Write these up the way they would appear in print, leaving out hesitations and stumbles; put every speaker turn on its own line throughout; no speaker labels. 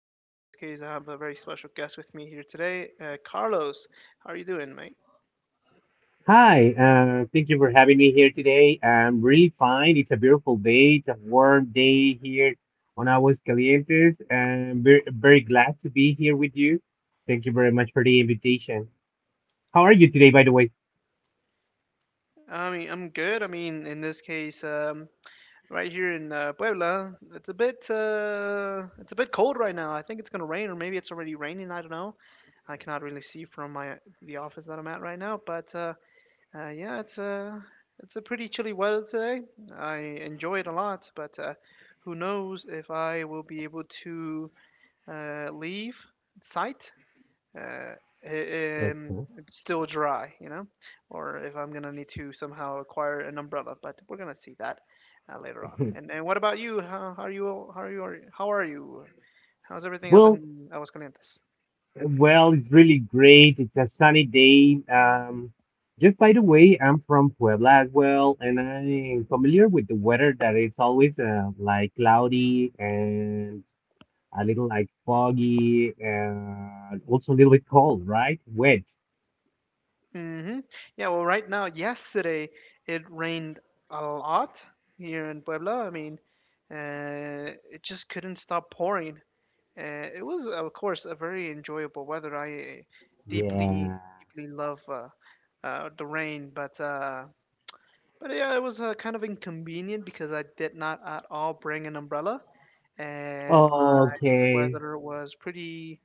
podcast. In this case, I have a very special guest with me here today, Carlos. How are you doing, mate?
Hi, thank you for having me here today. I'm really fine. It's a beautiful day. It's a warm day here on Aguas Calientes, and am very, very glad to be here with you. Thank you very much for the invitation. How are you today, by the way?
I mean, I'm good. I mean, in this case, right here in Puebla, it's a bit cold right now. I think it's gonna rain, or maybe it's already raining. I don't know. I cannot really see from my the office that I'm at right now. But yeah, it's a pretty chilly weather today. I enjoy it a lot, but who knows if I will be able to leave site, uh,
Okay.
it's still dry, or if I'm gonna need to somehow acquire an umbrella. But we're gonna see that later on. And what about you? How are you? How are you? How are you? How's everything up
Well,
in Aguascalientes?
well, it's really great. It's a sunny day. Just by the way, I'm from Puebla as well, and I'm familiar with the weather that it's always like cloudy and a little like foggy and also a little bit cold, right? Wet.
Mm-hmm. Yeah. Well, right now, yesterday it rained a lot here in Puebla. I mean, it just couldn't stop pouring. It was, of course, a very enjoyable weather. I deeply,
Yeah.
deeply love the rain, but yeah, it was kind of inconvenient because I did not at all bring an umbrella, and my
Okay.
weather was pretty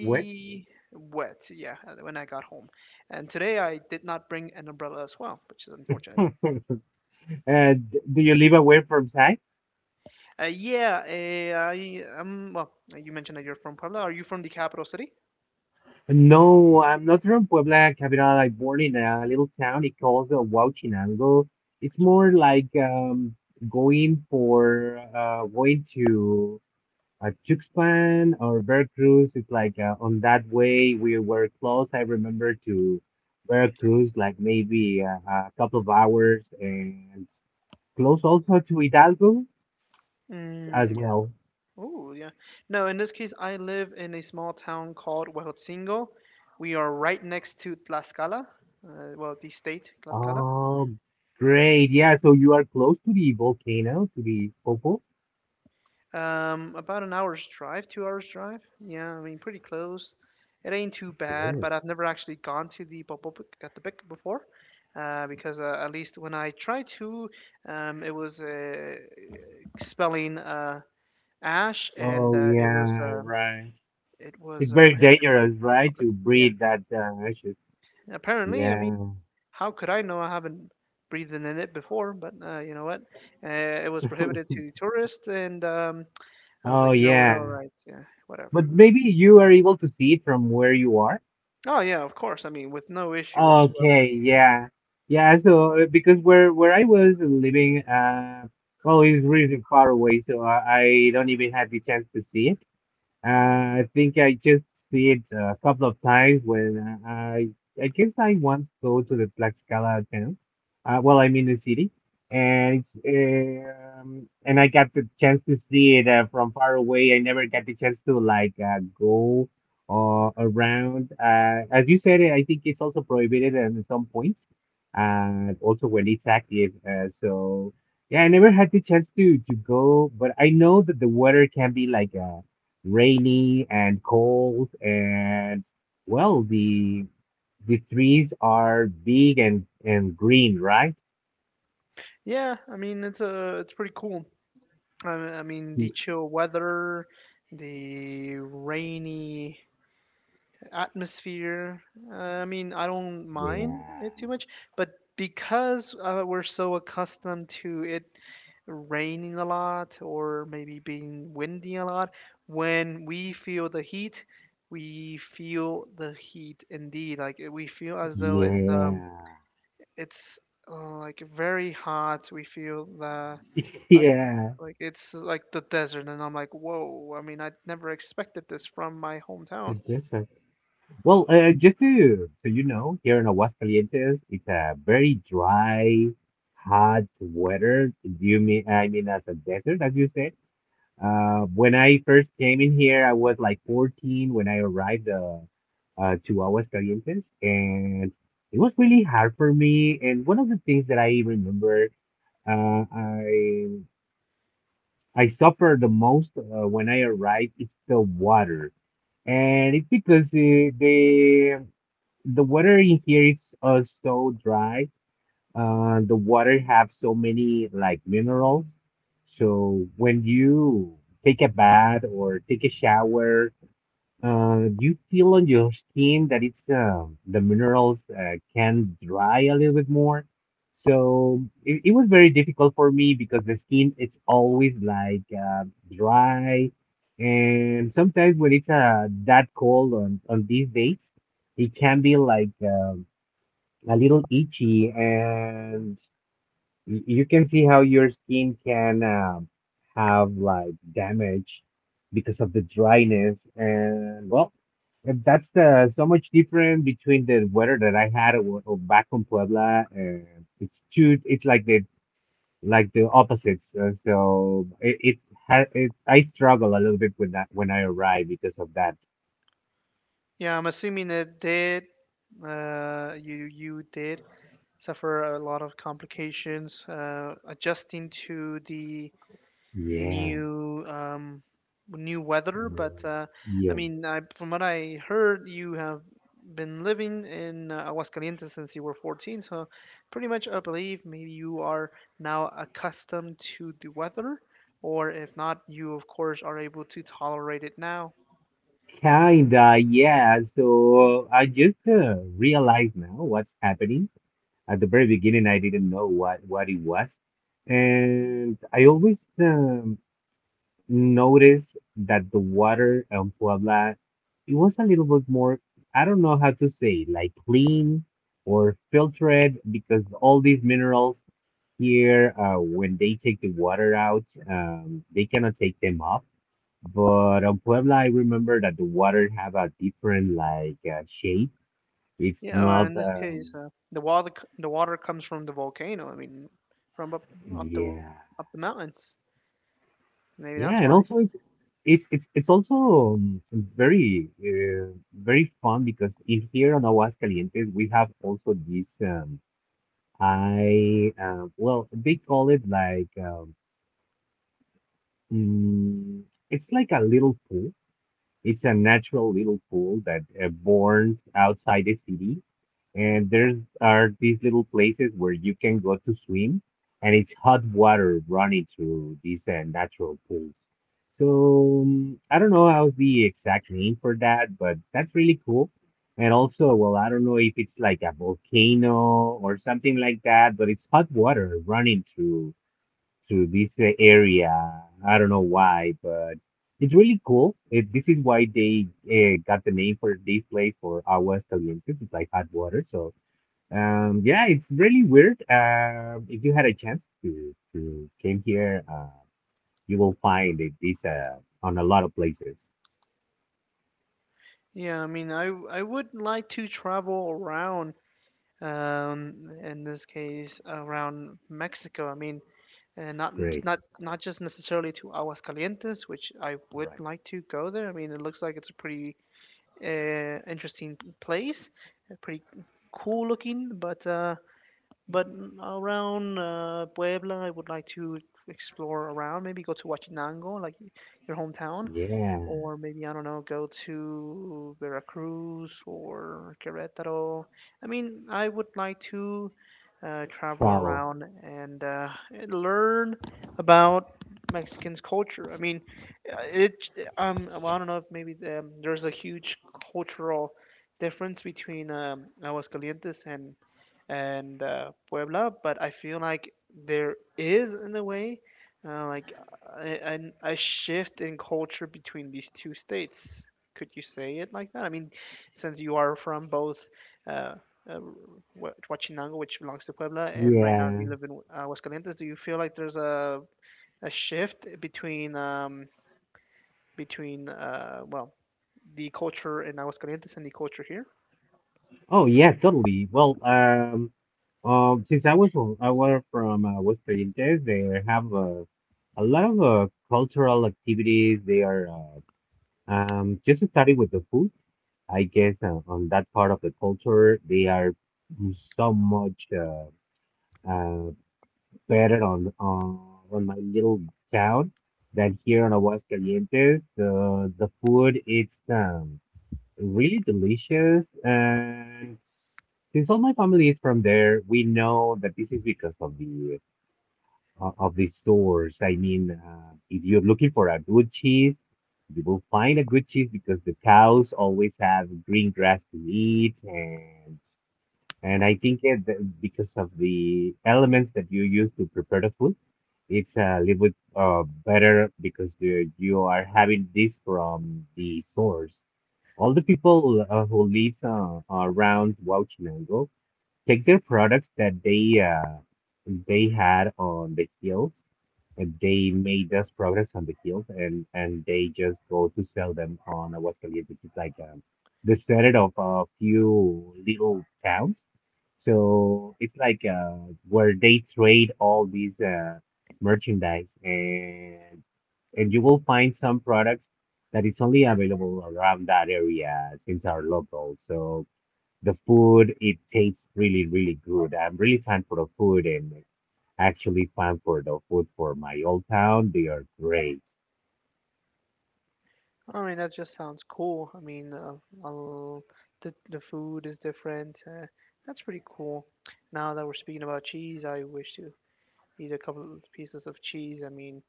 Wet.
wet. Yeah, when I got home, and today I did not bring an umbrella as well, which is unfortunate.
Do you live away from site?
Yeah, I am. Well, you mentioned that you're from Puebla. Are you from the capital city?
No, I'm not from Puebla capital. I born in a little town. It calls Huauchinango. It's more like going for going to a trip or Veracruz. It's like on that way we were close. I remember to Veracruz, like maybe a couple of hours, and close also to Hidalgo as
Mm.
well.
Oh, yeah. No, in this case, I live in a small town called Huejotzingo. We are right next to Tlaxcala, well, the state, Tlaxcala.
Oh, great! Yeah, so you are close to the volcano, to the Popo.
About an hour's drive, 2 hours drive. Yeah, I mean, pretty close. It ain't too bad,
Great.
but I've never actually gone to the Popocatépetl before, because at least when I tried to, it was spelling ash, and
Oh yeah, right.
it was
It's very
prohibited for the
dangerous, right,
public.
to
Yeah,
breathe that ashes.
apparently, I mean.
Yeah.
How could I know? I haven't breathed in it before, but you know what? Uh, it was prohibited to the tourists, and I was like,
Oh
you know what? All
yeah.
right, yeah, whatever.
But maybe you are able to see it from where you are.
Oh yeah, of course. I mean, with no issue whatsoever.
Okay, yeah. Yeah, so because where I was living, well, it's really far away, so I don't even have the chance to see it. I think I just see it a couple of times when uh, I I guess I once go to the Tlaxcala town. Well, I mean the city, and it's and I got the chance to see it from far away. I never got the chance to like go around. As you said, I think it's also prohibited at some points, and also when it's active. So yeah, I never had the chance to go, but I know that the weather can be like rainy and cold and well, the trees are big and green, right?
Yeah, I mean, it's pretty cool. I mean, the chill weather, the rainy atmosphere. I mean, I don't mind it too
Yeah.
much, but because we're so accustomed to it raining a lot or maybe being windy a lot, when we feel the heat, we feel the heat indeed. Like it- we feel as though
Yeah.
it's like very hot. We feel the like
Yeah.
like it's like the desert, and I'm like, whoa. I mean, I never expected this from my hometown.
That's right. Well, just to so you know, here in Aguascalientes it's a very dry hot weather. Do you mean, I mean, as a desert, as you said? When I first came in here, I was like 14 when I arrived to Aguas, and it was really hard for me. And one of the things that I remember, uh, I I suffer the most when I arrive, it's the water. And it's because the the water in here is so dry. Uh, the water have so many like minerals. So when you take a bath or take a shower, you feel on your skin that it's the minerals can dry a little bit more. So it was very difficult for me because the skin it's always like dry, and sometimes when it's that cold on these dates, it can be like a little itchy, and you can see how your skin can have like damage because of the dryness. And that's the so much different between the weather that I had back in Puebla, and it's like the opposites. Uh, so it had it I struggle a little bit with that when I arrive because of that.
Yeah, I'm assuming it did. You did suffer a lot of complications adjusting to the
Yeah.
new new weather. But
Mm.
I
Yeah.
mean, from what I heard, you have been living in Aguascalientes since you were 14. So pretty much, I believe maybe you are now accustomed to the weather, or if not, you of course are able to tolerate it now.
Kinda, yeah. So I just realized now what's happening. At the very beginning, I didn't know what it was. And I always noticed that the water in Puebla, it was a little bit more, I don't know how to say, like clean or filtered, because all these minerals here, when they take the water out, they cannot take them up. But on Puebla, I remember that the water have a different like shape. It's
Yeah, in
not,
this case, the water comes from the volcano. I mean, from up the r-
yeah.
up the mountains. Maybe
Yeah,
that's
and
why.
also it's it, it's also very very fun because in here on Aguascalientes we have also this I well, they call it like mm, it's like a little pool. It's a natural little pool that borns outside the city, and there's are these little places where you can go to swim, and it's hot water running through these natural pools. So I don't know how's the exact name for that, but that's really cool. And also, well, I don't know if it's like a volcano or something like that, but it's hot water running through this area. I don't know why, but it's really cool. It, this is why they got the name for this place for Aguas Calientes. It's like hot water, so yeah, it's really weird. If you had a chance to came here, you will find it is on a lot of places.
Yeah, I mean, I would like to travel around. In this case, around Mexico. I mean, and
Great.
not just necessarily to Aguascalientes, which I would
Right.
like to go there. I mean, it looks like it's a pretty interesting place, a pretty cool looking, but around Puebla, I would like to explore around. Maybe go to Huachinango, like your hometown,
Yeah,
or maybe I don't know, go to Veracruz or Querétaro. I mean, I would like to travel
travel.
around, and and learn about Mexicans' culture. I mean, it well, I don't know if maybe there's a huge cultural difference between Aguascalientes and Puebla, but I feel like there is in a way. Like a, a shift in culture between these two states. Could you say it like that? I mean, since you are from both uh, uh, Huachinango, which belongs to Puebla, and right now you
Yeah.
live in Aguascalientes, do you feel like there's a shift between well the culture in Aguascalientes and the culture here?
Oh yeah, totally. Well, since I were from West Pariente, they have a lot of cultural activities. They are. Just starting with the food, I guess on that part of the culture, they are so much uh, better on my little town than here on Aguascalientes. The food it's really delicious, and since all my family is from there, we know that this is because of of the stores. I mean, if you're looking for a good cheese, you will find a good cheese because the cows always have green grass to eat, and I think it, because of the elements that you use to prepare the food, it's a little bit better because the, you are having this from the source. All the people who lives around Huauchinango take their products that they had on the hills, and they made less progress on the hills, and they just go to sell them on Aguascalientes, which is like the center of a few little towns. So it's like where they trade all these merchandise, and you will find some products that it's only available around that area since are local. So the food it tastes really really good. I'm really fan for the food, and actually fan for the food for my old town. They are great.
I mean, that just sounds cool. I mean, I'll, the food is different. That's pretty cool. Now that we're speaking about cheese, I wish to eat a couple of pieces of cheese. I mean,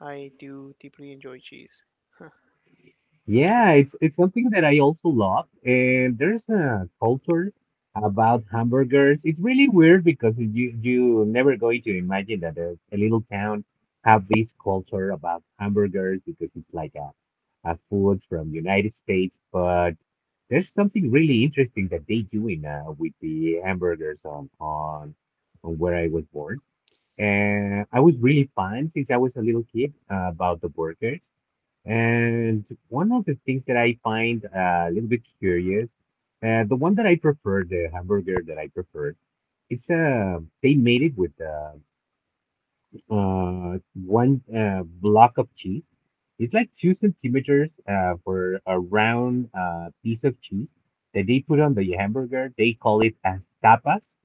I do deeply enjoy cheese. Huh, it's pretty
Yeah,
sweet.
it's something that I also love. And there's a culture about hamburgers. It's really weird because you never going to imagine that a little town have this culture about hamburgers because it's like a food from United States. But there's something really interesting that they do in with the hamburgers on where I was born. And I was really fun since I was a little kid about the burgers. And one of the things that I find a little bit curious, the one that I prefer, the hamburger that I prefer, it's they made it with one block of cheese. It's like two centimeters for a round piece of cheese that they put on the hamburger. They call it as tapas.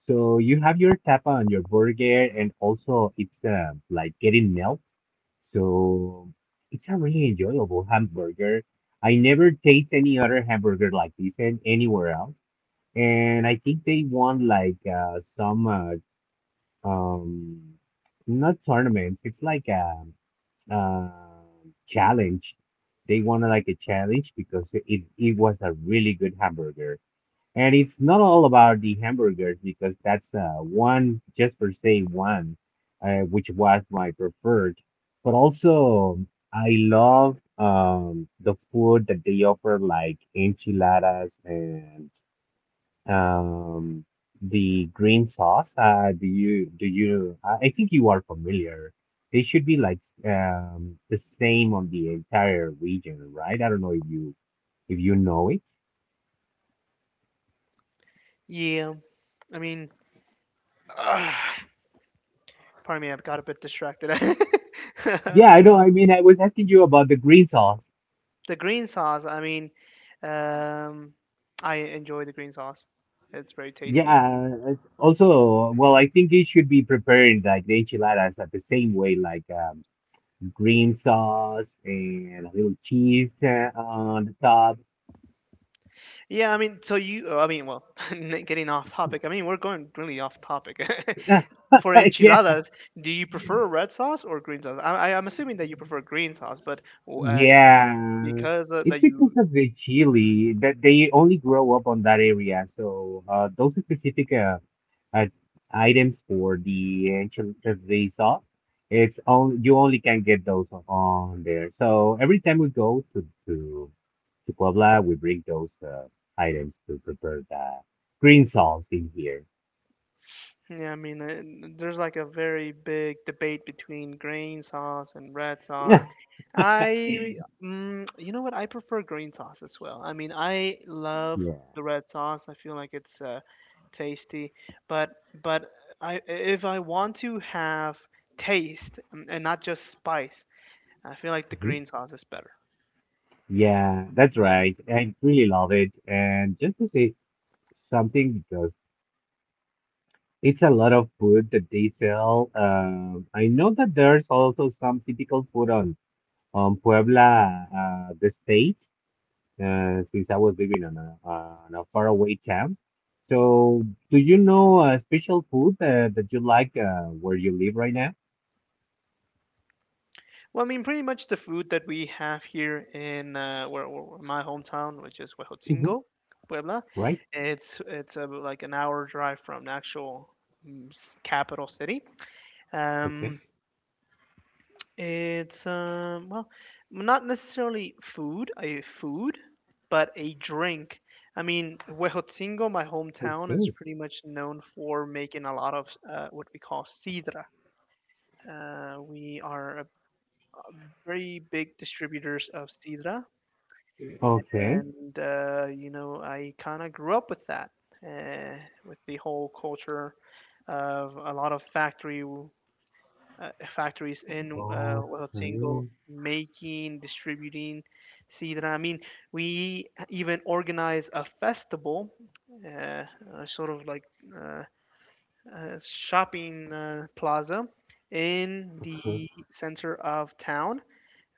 So you have your tapa on your burger, and also it's like getting melt. So it's a really enjoyable hamburger. I never taste any other hamburger like this and anywhere else. And I think they won like some um not tournaments, it's like uh challenge. They wanted like a challenge because it was a really good hamburger, and it's not all about the hamburgers because that's one just per se one which was my preferred, but also I love the food that they offer like enchiladas and um, the green sauce. Do you? I think you are familiar. They should be like the same on the entire region, right? I don't know if you know it.
Yeah, I mean, uh, pardon me, I've got a bit distracted.
Yeah,
The
I know. I mean, I was asking you about the green sauce.
green sauce, I mean, um, I enjoy the green sauce. It's very tasty.
Yeah. Also, well, I think it should be prepared like the enchiladas at the same way, like green sauce and a little cheese on the top.
Yeah, I mean, so you, I mean, well, getting off topic. I mean, we're going really off topic. For
Yeah.
enchiladas, do you prefer red sauce or green sauce? I'm assuming that you prefer green sauce, but uh,
Yeah,
because
it's
that
because
you
of the chili that they only grow up on that area. So those specific uh, items for the the sauce, it's only you only can get those on there. So every time we go to to Puebla, we bring those items to prepare the green sauce in here.
Yeah, I mean, there's like a very big debate between green sauce and red sauce.
Yeah.
I, you know what? I prefer green sauce as well. I mean, I love
Yeah.
the red sauce. I feel like it's tasty, but but I if I want to have taste mm, and not just spice, I feel like the
Mhm.
green sauce is better.
Yeah, that's
Yeah.
right. I really love it. And just to say something, because it's a lot of food that they sell. I know that there's also some typical food on Puebla, the state, since I was living on a faraway town. So, do you know a special food that you like where you live right now?
Well, I mean, pretty much the food that we have here in where my hometown, which is
hmm
Huejotzingo, Puebla,
Right?
it's like an hour drive from the actual capital city.
Okay.
Um, it's well, not necessarily food, a food, but a drink. I mean, Huejotzingo, my hometown,
Okay.
is pretty much known for making a lot of what we call sidra. We are a very big distributors of sidra
Okay.
and you know I kind of grew up with that, uh, with the whole culture of a lot of factories in without making, distributing sidra. I mean, we even organize a festival, uh, sort of like uh, a shopping plaza in
Okay.
the center of town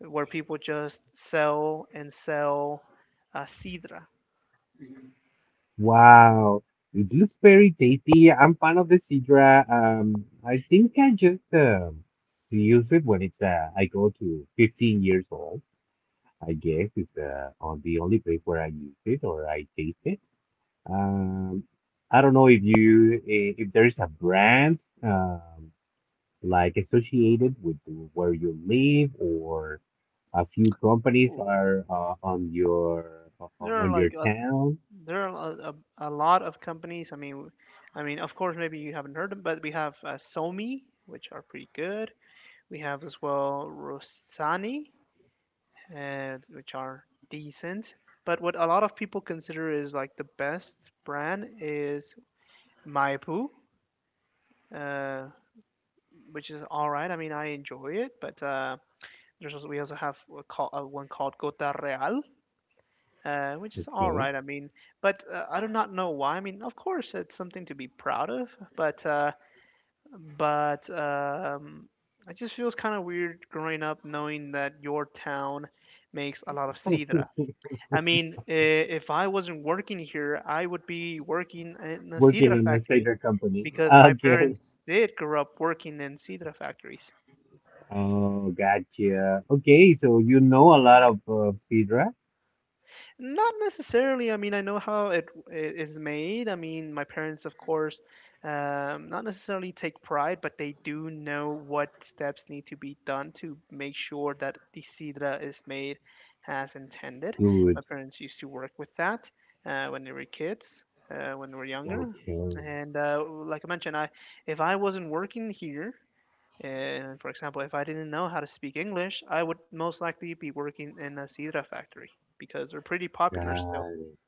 where people just sell and sell sidra.
Wow, it looks very tasty. I'm fan of the sidra. I think I just use it when it's I go to 15 years old. I guess it's on the only place where I use it or I taste it. Um, I don't know if you if there is a brand like associated with where you live or a few companies
Cool.
are
There are
on your
like a,
town.
there are a lot of companies. I mean, of course, maybe you haven't heard them, but we have Somi, which are pretty good. We have as well Rosani, and which are decent. But what a lot of people consider is like the best brand is Maipu, uh, which is all right. I mean, I enjoy it, but there's also we also have a call, one called Gota Real, which is all
Okay.
right. I mean, but I do not know why. I mean, of course, it's something to be proud of, but uh, but it just feels kind of weird growing up knowing that your town makes a lot of sidra. I mean, if I wasn't working here, I would be working in a
Working
sidra
on a
factory
cider company.
because my
Okay.
parents did grow up working in sidra factories.
Oh, gotcha. Okay, so you know a lot of sidra.
Not necessarily. I mean, I know how it I- made. I mean, my parents, of course, not necessarily take pride, but they do know what steps need to be done to make sure that the sidra is made as intended. My
Good.
parents used to work with that when they were kids, when they were younger.
Okay.
And like I mentioned, I if I wasn't working here. And for example, if I didn't know how to speak English, I would most likely be working in a sidra factory because they're pretty popular still.
Got it.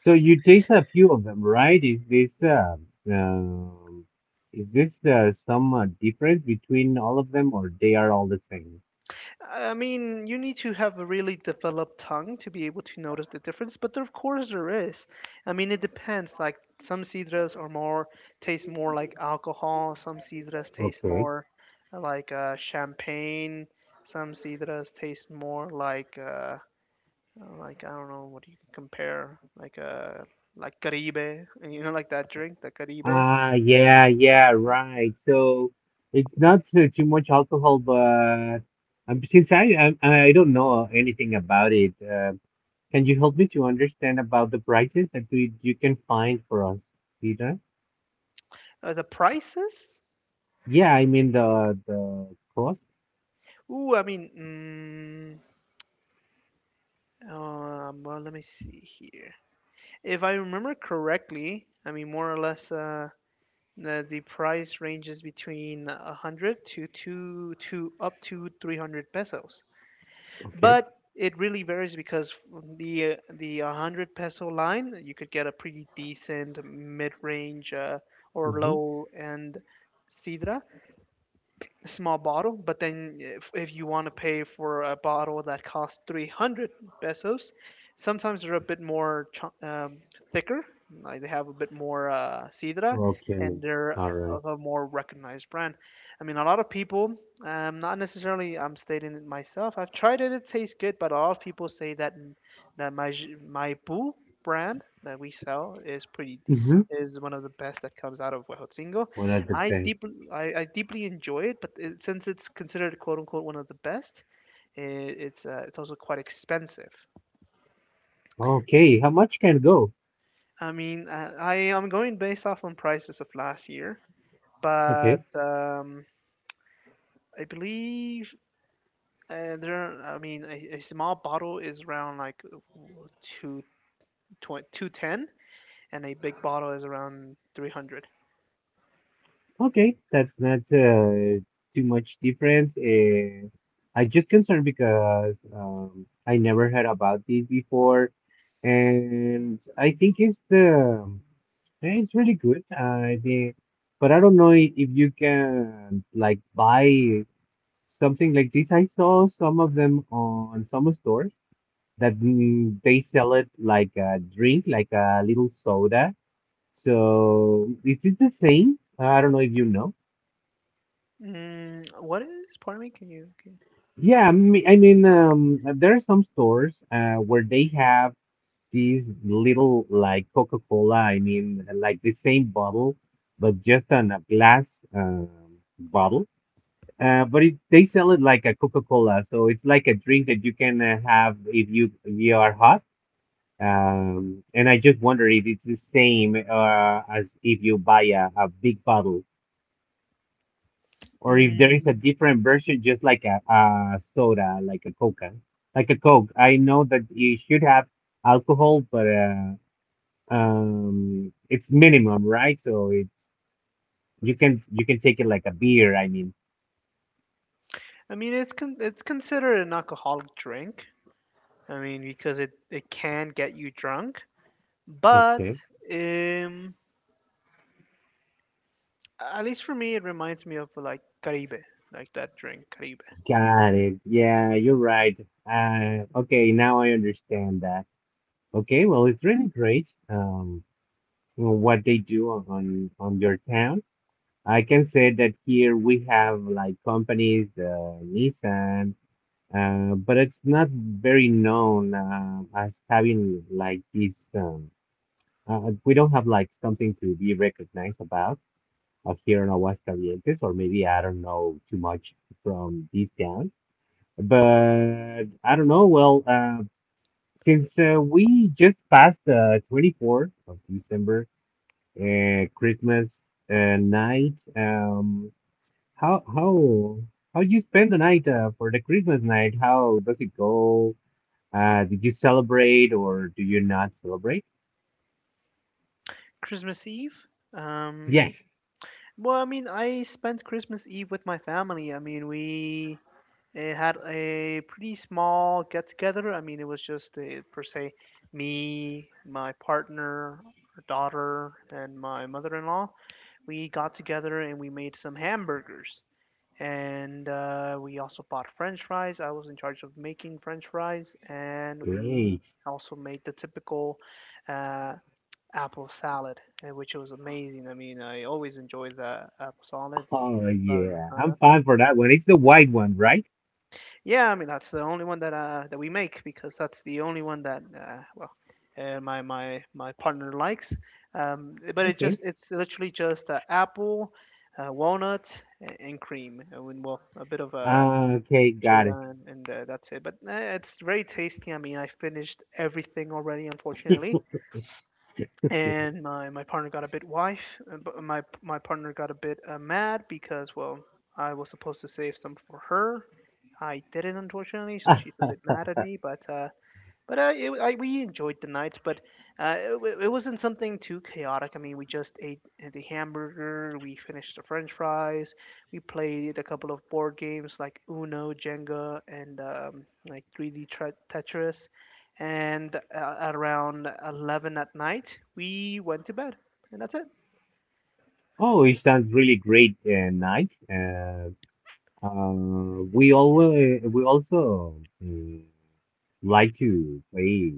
So you taste a few of them, right? Um, is this some difference between all of them, or they are all the same?
I mean, you need to have a really developed tongue to be able to notice the difference, but there, of course there is. I mean, it depends. Like some sidras are more taste more like alcohol, some sidras taste
Okay.
more like champagne, some sidras taste more like I don't know what you could compare like Caribe, and you know like that drink the Caribe.
Ah, yeah, yeah, right. So it's not too much alcohol, but since I don't know anything about it, can you help me to understand about the prices that we you can find for us, Peter?
The prices,
Yeah, I mean the cost.
ooh, I mean, well let me see here if I remember correctly. I mean more or less, the price ranges between 100 to two to up to 300 pesos,
Okay.
but it really varies because the 100 peso line you could get a pretty decent mid-range or
Mm-hmm.
low end sidra small bottle, but then if you want to pay for a bottle that costs 300 pesos, sometimes they're a bit thicker, like they have a bit more sidra,
Okay.
and they're
All right.
of a more recognized brand. I mean, a lot of people, not necessarily I'm stating it myself, I've tried it, it tastes good, but a lot of people say that my Boo brand that we sell is pretty
Mm-hmm.
is one of the best that comes out of Huejotzingo.
What are the
I
best?
deeply I, I deeply enjoy it, but it, since it's considered quote unquote one of the best, I it's also quite expensive.
Okay. How much can go?
I mean, I am going based off on prices of last year,
Okay.
but I believe there. I mean, a small bottle is around like 2, 2:10, and a big bottle is around 300.
Okay, that's not too much difference. I just concerned because I never heard about this before, and I think it's the it's really good. I think, but I don't know if you can like buy something like this. I saw some of them on some stores that they sell it like a drink, like a little soda. So is it the same? I don't know if you know.
Mm, what is? Pardon me. Can you? Can
Yeah, I mean, there are some stores where they have these little like Coca-Cola. I mean, like the same bottle, but just on a glass bottle. But it, they sell it like a Coca-Cola, so it's like a drink that you can have if you are hot. And I just wonder if it's the same as if you buy a big bottle,
you
or if there is a
mm.
different version, just like a soda, like a Coca, like a Coke. I know that you should have alcohol, but it's minimum, right? So it's you can take it like a beer. I mean,
I mean, it's considered an alcoholic drink. I mean, because it can get you drunk, but
okay,
um, at least for me, it reminds me of like Caribe, like that drink Caribe.
got it. Yeah, you're right. Okay, now I understand that. Okay, well, it's really great. Well, what they do on on your town. I can say that here we have like companies, the Nissan. But it's not very known as having like these. We don't have like something to be recognized about here in Aguascalientes, or maybe I don't know too much from this town. But I don't know. Well, since we just passed the 24th of December, Christmas night, how how how you spend the night for the Christmas night? How does it go? Did you celebrate or do you not celebrate?
Christmas Eve. Um,
Yes.
well, I mean, I spent Christmas Eve with my family. I mean, we had a pretty small get together. I mean, it was just per se me, my partner, her daughter, and my mother in law. We got together and we made some hamburgers, and we also bought french fries. I was in charge of making french fries, and we
Great.
also made the typical uh, apple salad, which was amazing. I mean, I always enjoy the apple salad, the
Oh,
ensalada
yeah. I'm
montana.
fine for that one. It's the white one, right?
Yeah, I mean that's the only one that that we make, because that's the only one that my partner likes. But it
Okay.
just it's literally just apple, walnut, and cream, and well a bit of a
Okay, got it.
cheddar, and that's it. But it's very tasty. I mean, I finished everything already, unfortunately. And my partner got a bit wife, but my partner got a bit mad because, well, I was supposed to save some for her. I didn't, unfortunately, so she's a
Ah,
bit mad at me. But it, we enjoyed the night, but it wasn't something too chaotic. I mean, we just ate the hamburger, we finished the French fries, we played a couple of board games like Uno, Jenga, and like 3D Tetris. And at around 11 at night, we went to bed, and that's it.
oh, it sounds really great night. Uh, we also mm, like to play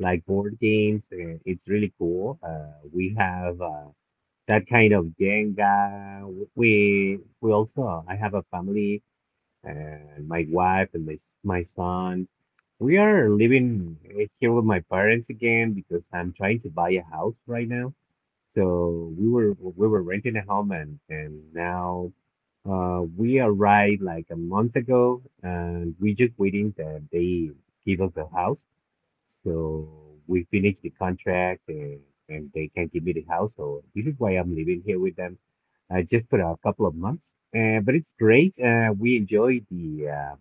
like board games. It's really cool. We have that kind of Jenga. We also I have a family and my wife and my son. We are living here with my parents again because I'm trying to buy a house right now. So we were renting a home, and now we arrived like a month ago, and we're just waiting that they give us the house. So we finished the contract and they can give me the house. So this is why I'm living here with them just for a couple of months. But it's great. We enjoy the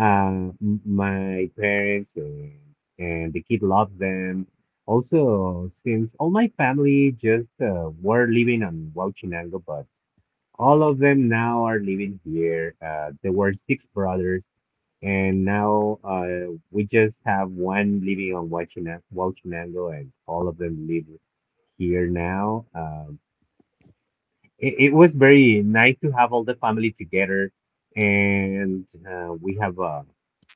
uh, my parents and the kid loves them. Also, since all my family just were living on Huachinango, but all of them now are living here. There were six brothers, and now we just have one living on Huachinango, and all of them live here now. It, it was very nice to have all the family together, and we have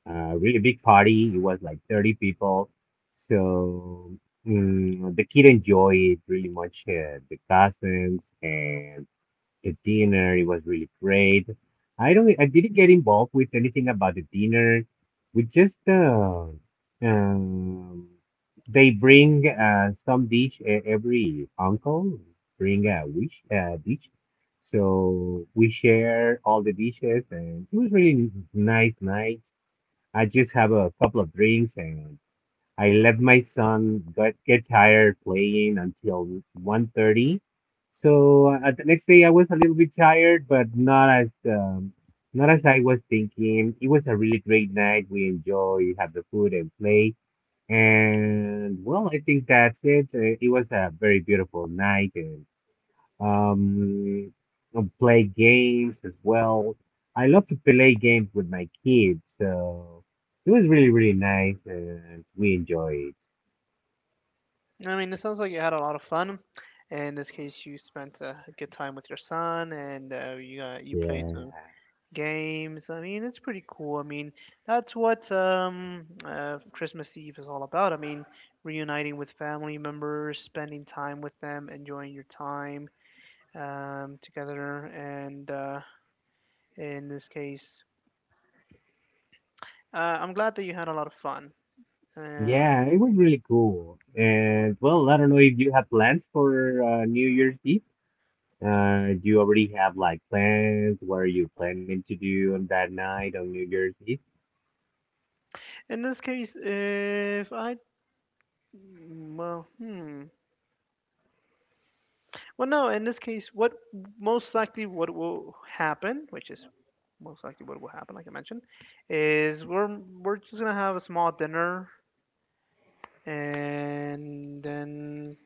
a really big party. It was like 30 people. So the kid enjoyed really much the cousins and the dinner. It was really great. I don't. I didn't get involved with anything about the dinner. We just um, they bring some dish. Every uncle bring a wish dish. So we share all the dishes, and it was really nice night. I just have a couple of drinks, and I let my son get tired playing until 1:30. So the next day I was a little bit tired, but not as not as I was thinking. It was a really great night. We enjoy, have the food and play. And well, I think that's it. It was a very beautiful night, um, and play games as well. I love to play games with my kids, so it was really, really nice, and we enjoyed.
I mean, it sounds like you had a lot of fun. In this case, you spent a good time with your son, and you played
Yeah.
some games. I mean, it's pretty cool. I mean, that's what Christmas Eve is all about. I mean, reuniting with family members, spending time with them, enjoying your time together. And in this case, I'm glad that you had a lot of fun. And
Yeah, it was really cool. And well, I don't know if you have plans for New Year's Eve. Do you already have like plans? What are you planning to do on that night on New Year's Eve?
in this case, if I, well, hmm. Well, no, in this case, what most likely what will happen, which is most likely what will happen, like I mentioned, is we're just gonna have a small dinner, and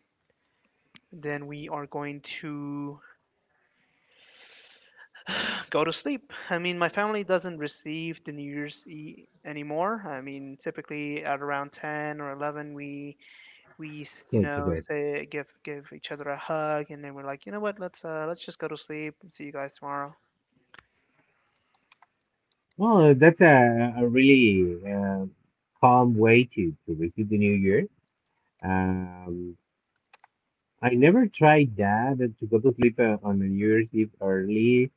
then we are going to go to sleep. I mean, my family doesn't receive the New Year's Eve anymore. I mean, typically at around 10 or 11, we you
Go to
know
bed.
say give each other a hug, and then we're like, you know what, let's just go to sleep. See you guys tomorrow.
Well, that's a really calm way to receive the new year. Um, I never tried that to go to sleep on the New Year's Eve early.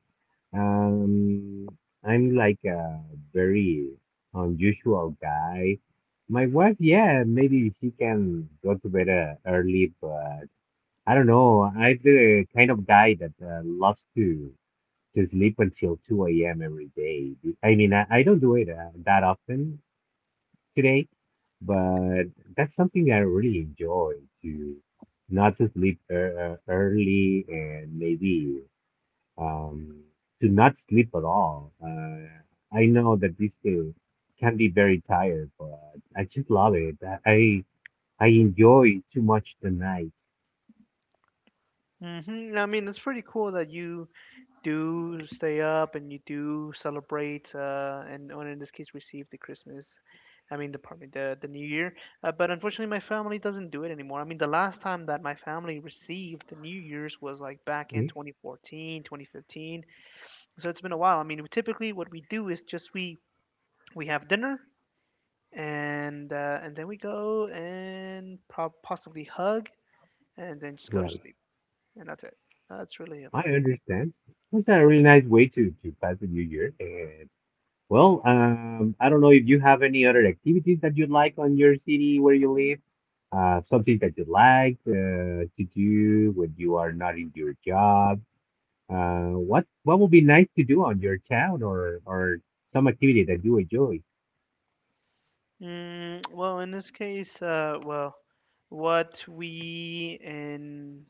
Um, I'm like a very unusual guy. My wife, yeah, maybe she can go to bed early, but I don't know. I'm the kind of guy that loves to sleep until 2 a.m. every day. I mean, I don't do it that often today, but that's something that I really enjoy to not to sleep early, and maybe um, to not sleep at all. I know that this too can be very tired, but I just love it. I enjoy too much the night.
Mm-hmm. I mean, it's pretty cool that you do stay up and you do celebrate, and or in this case, receive the Christmas. I mean, the pardon me, the New Year. But unfortunately, my family doesn't do it anymore. I mean, the last time that my family received the New Year's was like back in
Mm,
2014, 2015. So it's been a while. I mean, typically what we do is just we have dinner, and and then we go and prob possibly hug, and then just go to
Right.
sleep, and that's it. That's really
I
about
understand. That's a really nice way to pass the new year. And well, I don't know if you have any other activities that you like on your city where you live. Something that you like to do when you are not in your job. What would be nice to do on your town or some activity that you enjoy?
Mm, well, in this case, well, what we in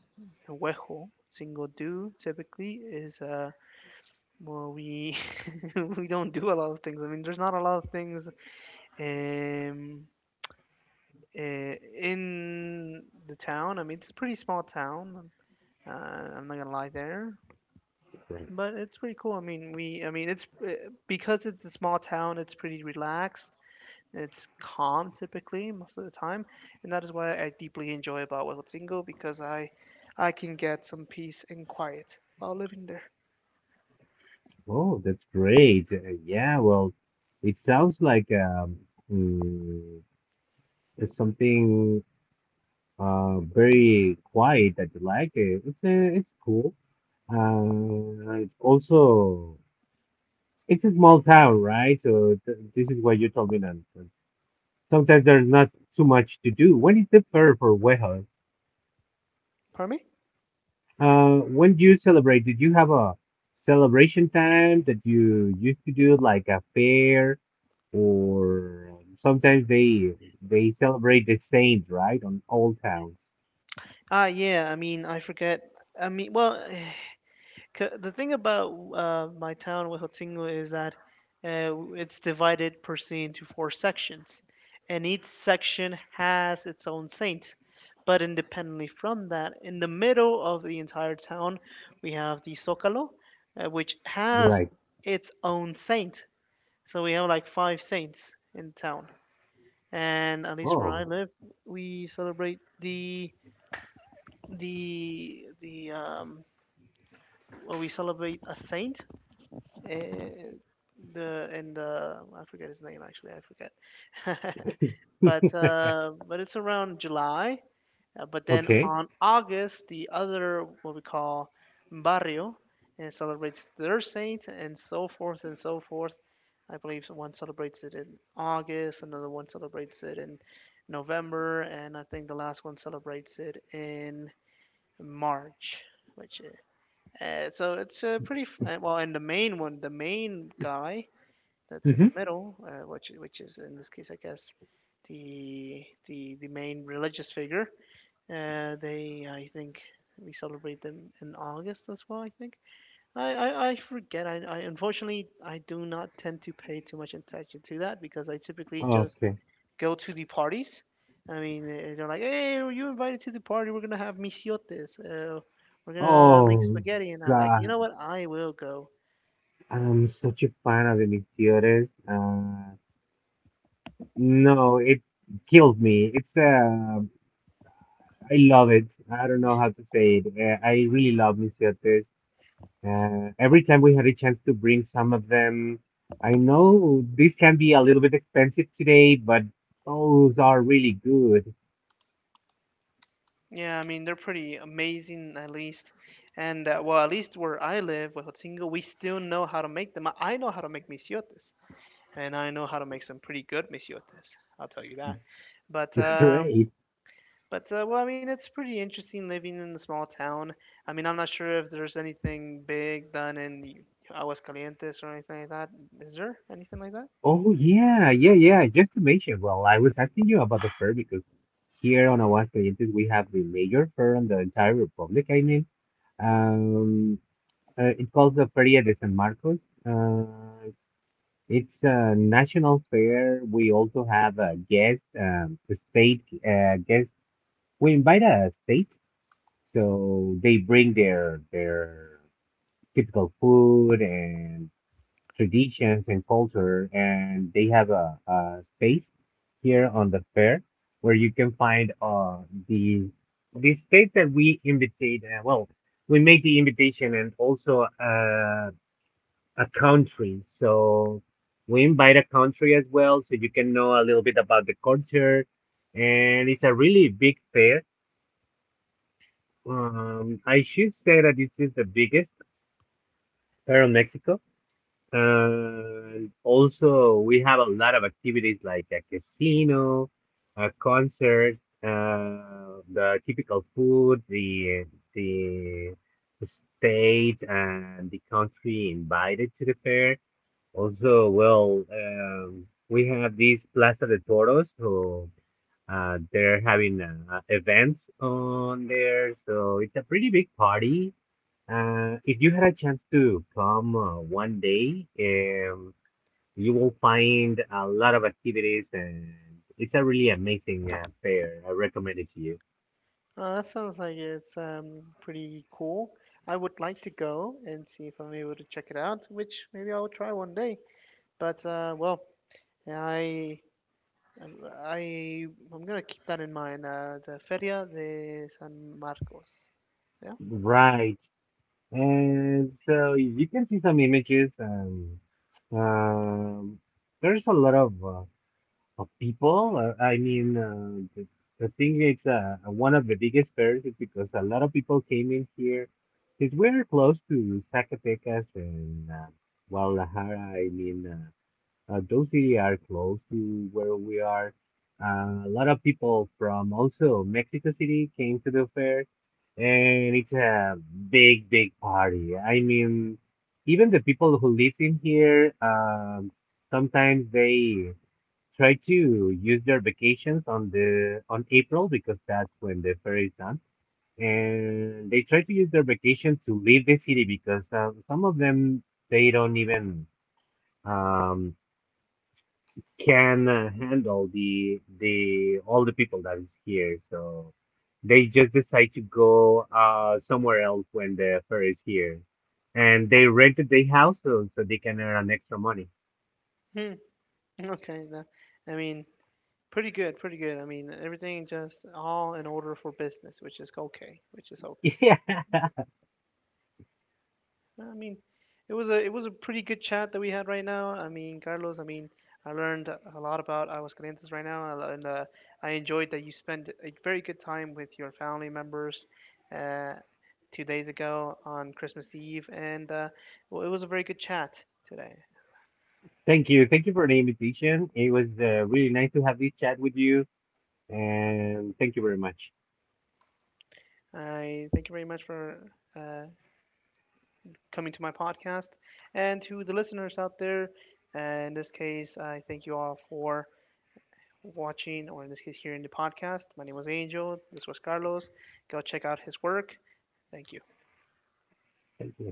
Huejo single do typically is well, we we don't do a lot of things. I mean, there's not a lot of things um uh, in the town. I mean, it's a pretty small town. I'm not gonna lie there,
Right.
but it's pretty cool. I mean, we I mean it's because it's a small town, it's pretty relaxed. It's calm typically most of the time, and that is why I deeply enjoy about Huatzingo, because I can get some peace and quiet while living there.
Oh, that's great. Yeah, well, it sounds like mm, it's something very quiet that you like. It's cool. It's also it's a small town, right? So th this is what you told me that that sometimes there's not too much to do. When is the fair for Wejo?
Pardon me?
When do you celebrate? Did you have a celebration time that you used to do, like a fair, or sometimes they celebrate the saints, right, on all towns?
Ah, yeah. I mean, I forget. I mean, well, the thing about my town, Huejotzingo, is that it's divided per se into four sections, and each section has its own saint. But independently from that, in the middle of the entire town, we have the Zócalo, which has
Right.
its own saint. So we have like five saints in town, and at least where I
Oh,
live, we celebrate the the um, we celebrate a saint, eh, the in the I forget his name actually, I forget. But it's around July. But then
okay.
on August, the other what we call barrio, and it celebrates their saint and so forth and so forth. I believe one celebrates it in August, another one celebrates it in November, and I think the last one celebrates it in March. Which So it's pretty well. And the main one, the main guy, that's in
Mm-hmm.
the middle, which which is in this case, I guess, the main religious figure. They, I think, we celebrate them in August as well. I think. I forget. I unfortunately I do not tend to pay too much attention to that, because I typically just
Okay.
go to the parties. I mean, they're like, "Hey, were you invited to the party? We're gonna have misiotes. We're gonna make
Oh,
spaghetti," and I'm like, "You
God.
know what? I will go."
I'm such a fan of Emisiones. No, it kills me. It's I love it. I don't know how to say it. I really love Misiotes. Every time we had a chance to bring some of them, I know this can be a little bit expensive today, but those are really good.
Yeah, I mean they're pretty amazing at least, and well at least where I live, Huejotzingo, we still know how to make them. I know how to make misiotes, and I know how to make some pretty good misiotes. I'll tell you that. But um,
Great.
but well, I mean it's pretty interesting living in a small town. I mean I'm not sure if there's anything big done in Aguascalientes or anything like that. Is there anything like that?
Oh yeah, yeah, yeah. Just to mention, well, I was asking you about the fair because here on Aguascalientes we have the major fair in the entire republic. I mean, um, it's called the Feria de San Marcos. Uh, it's a national fair. We also have a guest, the state guest. We invite a state. So they bring their typical food and traditions and culture, and they have a space here on the fair where you can find the the state that we invitate. Well, we make the invitation and also a country. So we invite a country as well, so you can know a little bit about the culture. And it's a really big fair. I should say that this is the biggest here in Mexico. And also, we have a lot of activities like a casino, a concert, the typical food, the the state and the country invited to the fair. Also, well, we have this Plaza de Toros, so they're having events on there. So it's a pretty big party if you had a chance to come one day, you will find a lot of activities, and it's a really amazing fair. I recommend it to you.
Oh, that sounds like it's pretty cool. I would like to go and see if I'm able to check it out, which maybe I'll try one day. But well, I I I'm gonna keep that in mind. The Feria de San Marcos. Yeah.
Right. And so you can see some images. Um, there's a lot of people. I mean, the thing is, one of the biggest fears is because a lot of people came in here because we're close to Zacatecas and Guadalajara. I mean, those cities are close to where we are. A lot of people from also Mexico City came to the fair, and it's a big, big party. I mean, even the people who live in here, sometimes they try to use their vacations on the on April because that's when the fair is done, and they try to use their vacation to leave the city because some of them they don't even um, can handle the all the people that is here. So they just decide to go somewhere else when the fair is here, and they rented their house so, so they can earn extra money.
Hmm. Okay. I mean, pretty good. I mean, everything just all in order for business, which is okay,
Yeah,
No, I mean, it was a pretty good chat that we had right now. I mean, Carlos, I mean, I learned a lot about Aguascalientes right now, and I enjoyed that you spent a very good time with your family members uh, 2 days ago on Christmas Eve, and well, it was a very good chat today.
thank you for the invitation. It was really nice to have this chat with you, and thank you very much.
I thank you very much for coming to my podcast, and to the listeners out there. In this case, I thank you all for watching, or in this case, hearing the podcast. My name was Angel. This was Carlos. Go check out his work. Thank you.
Thank you.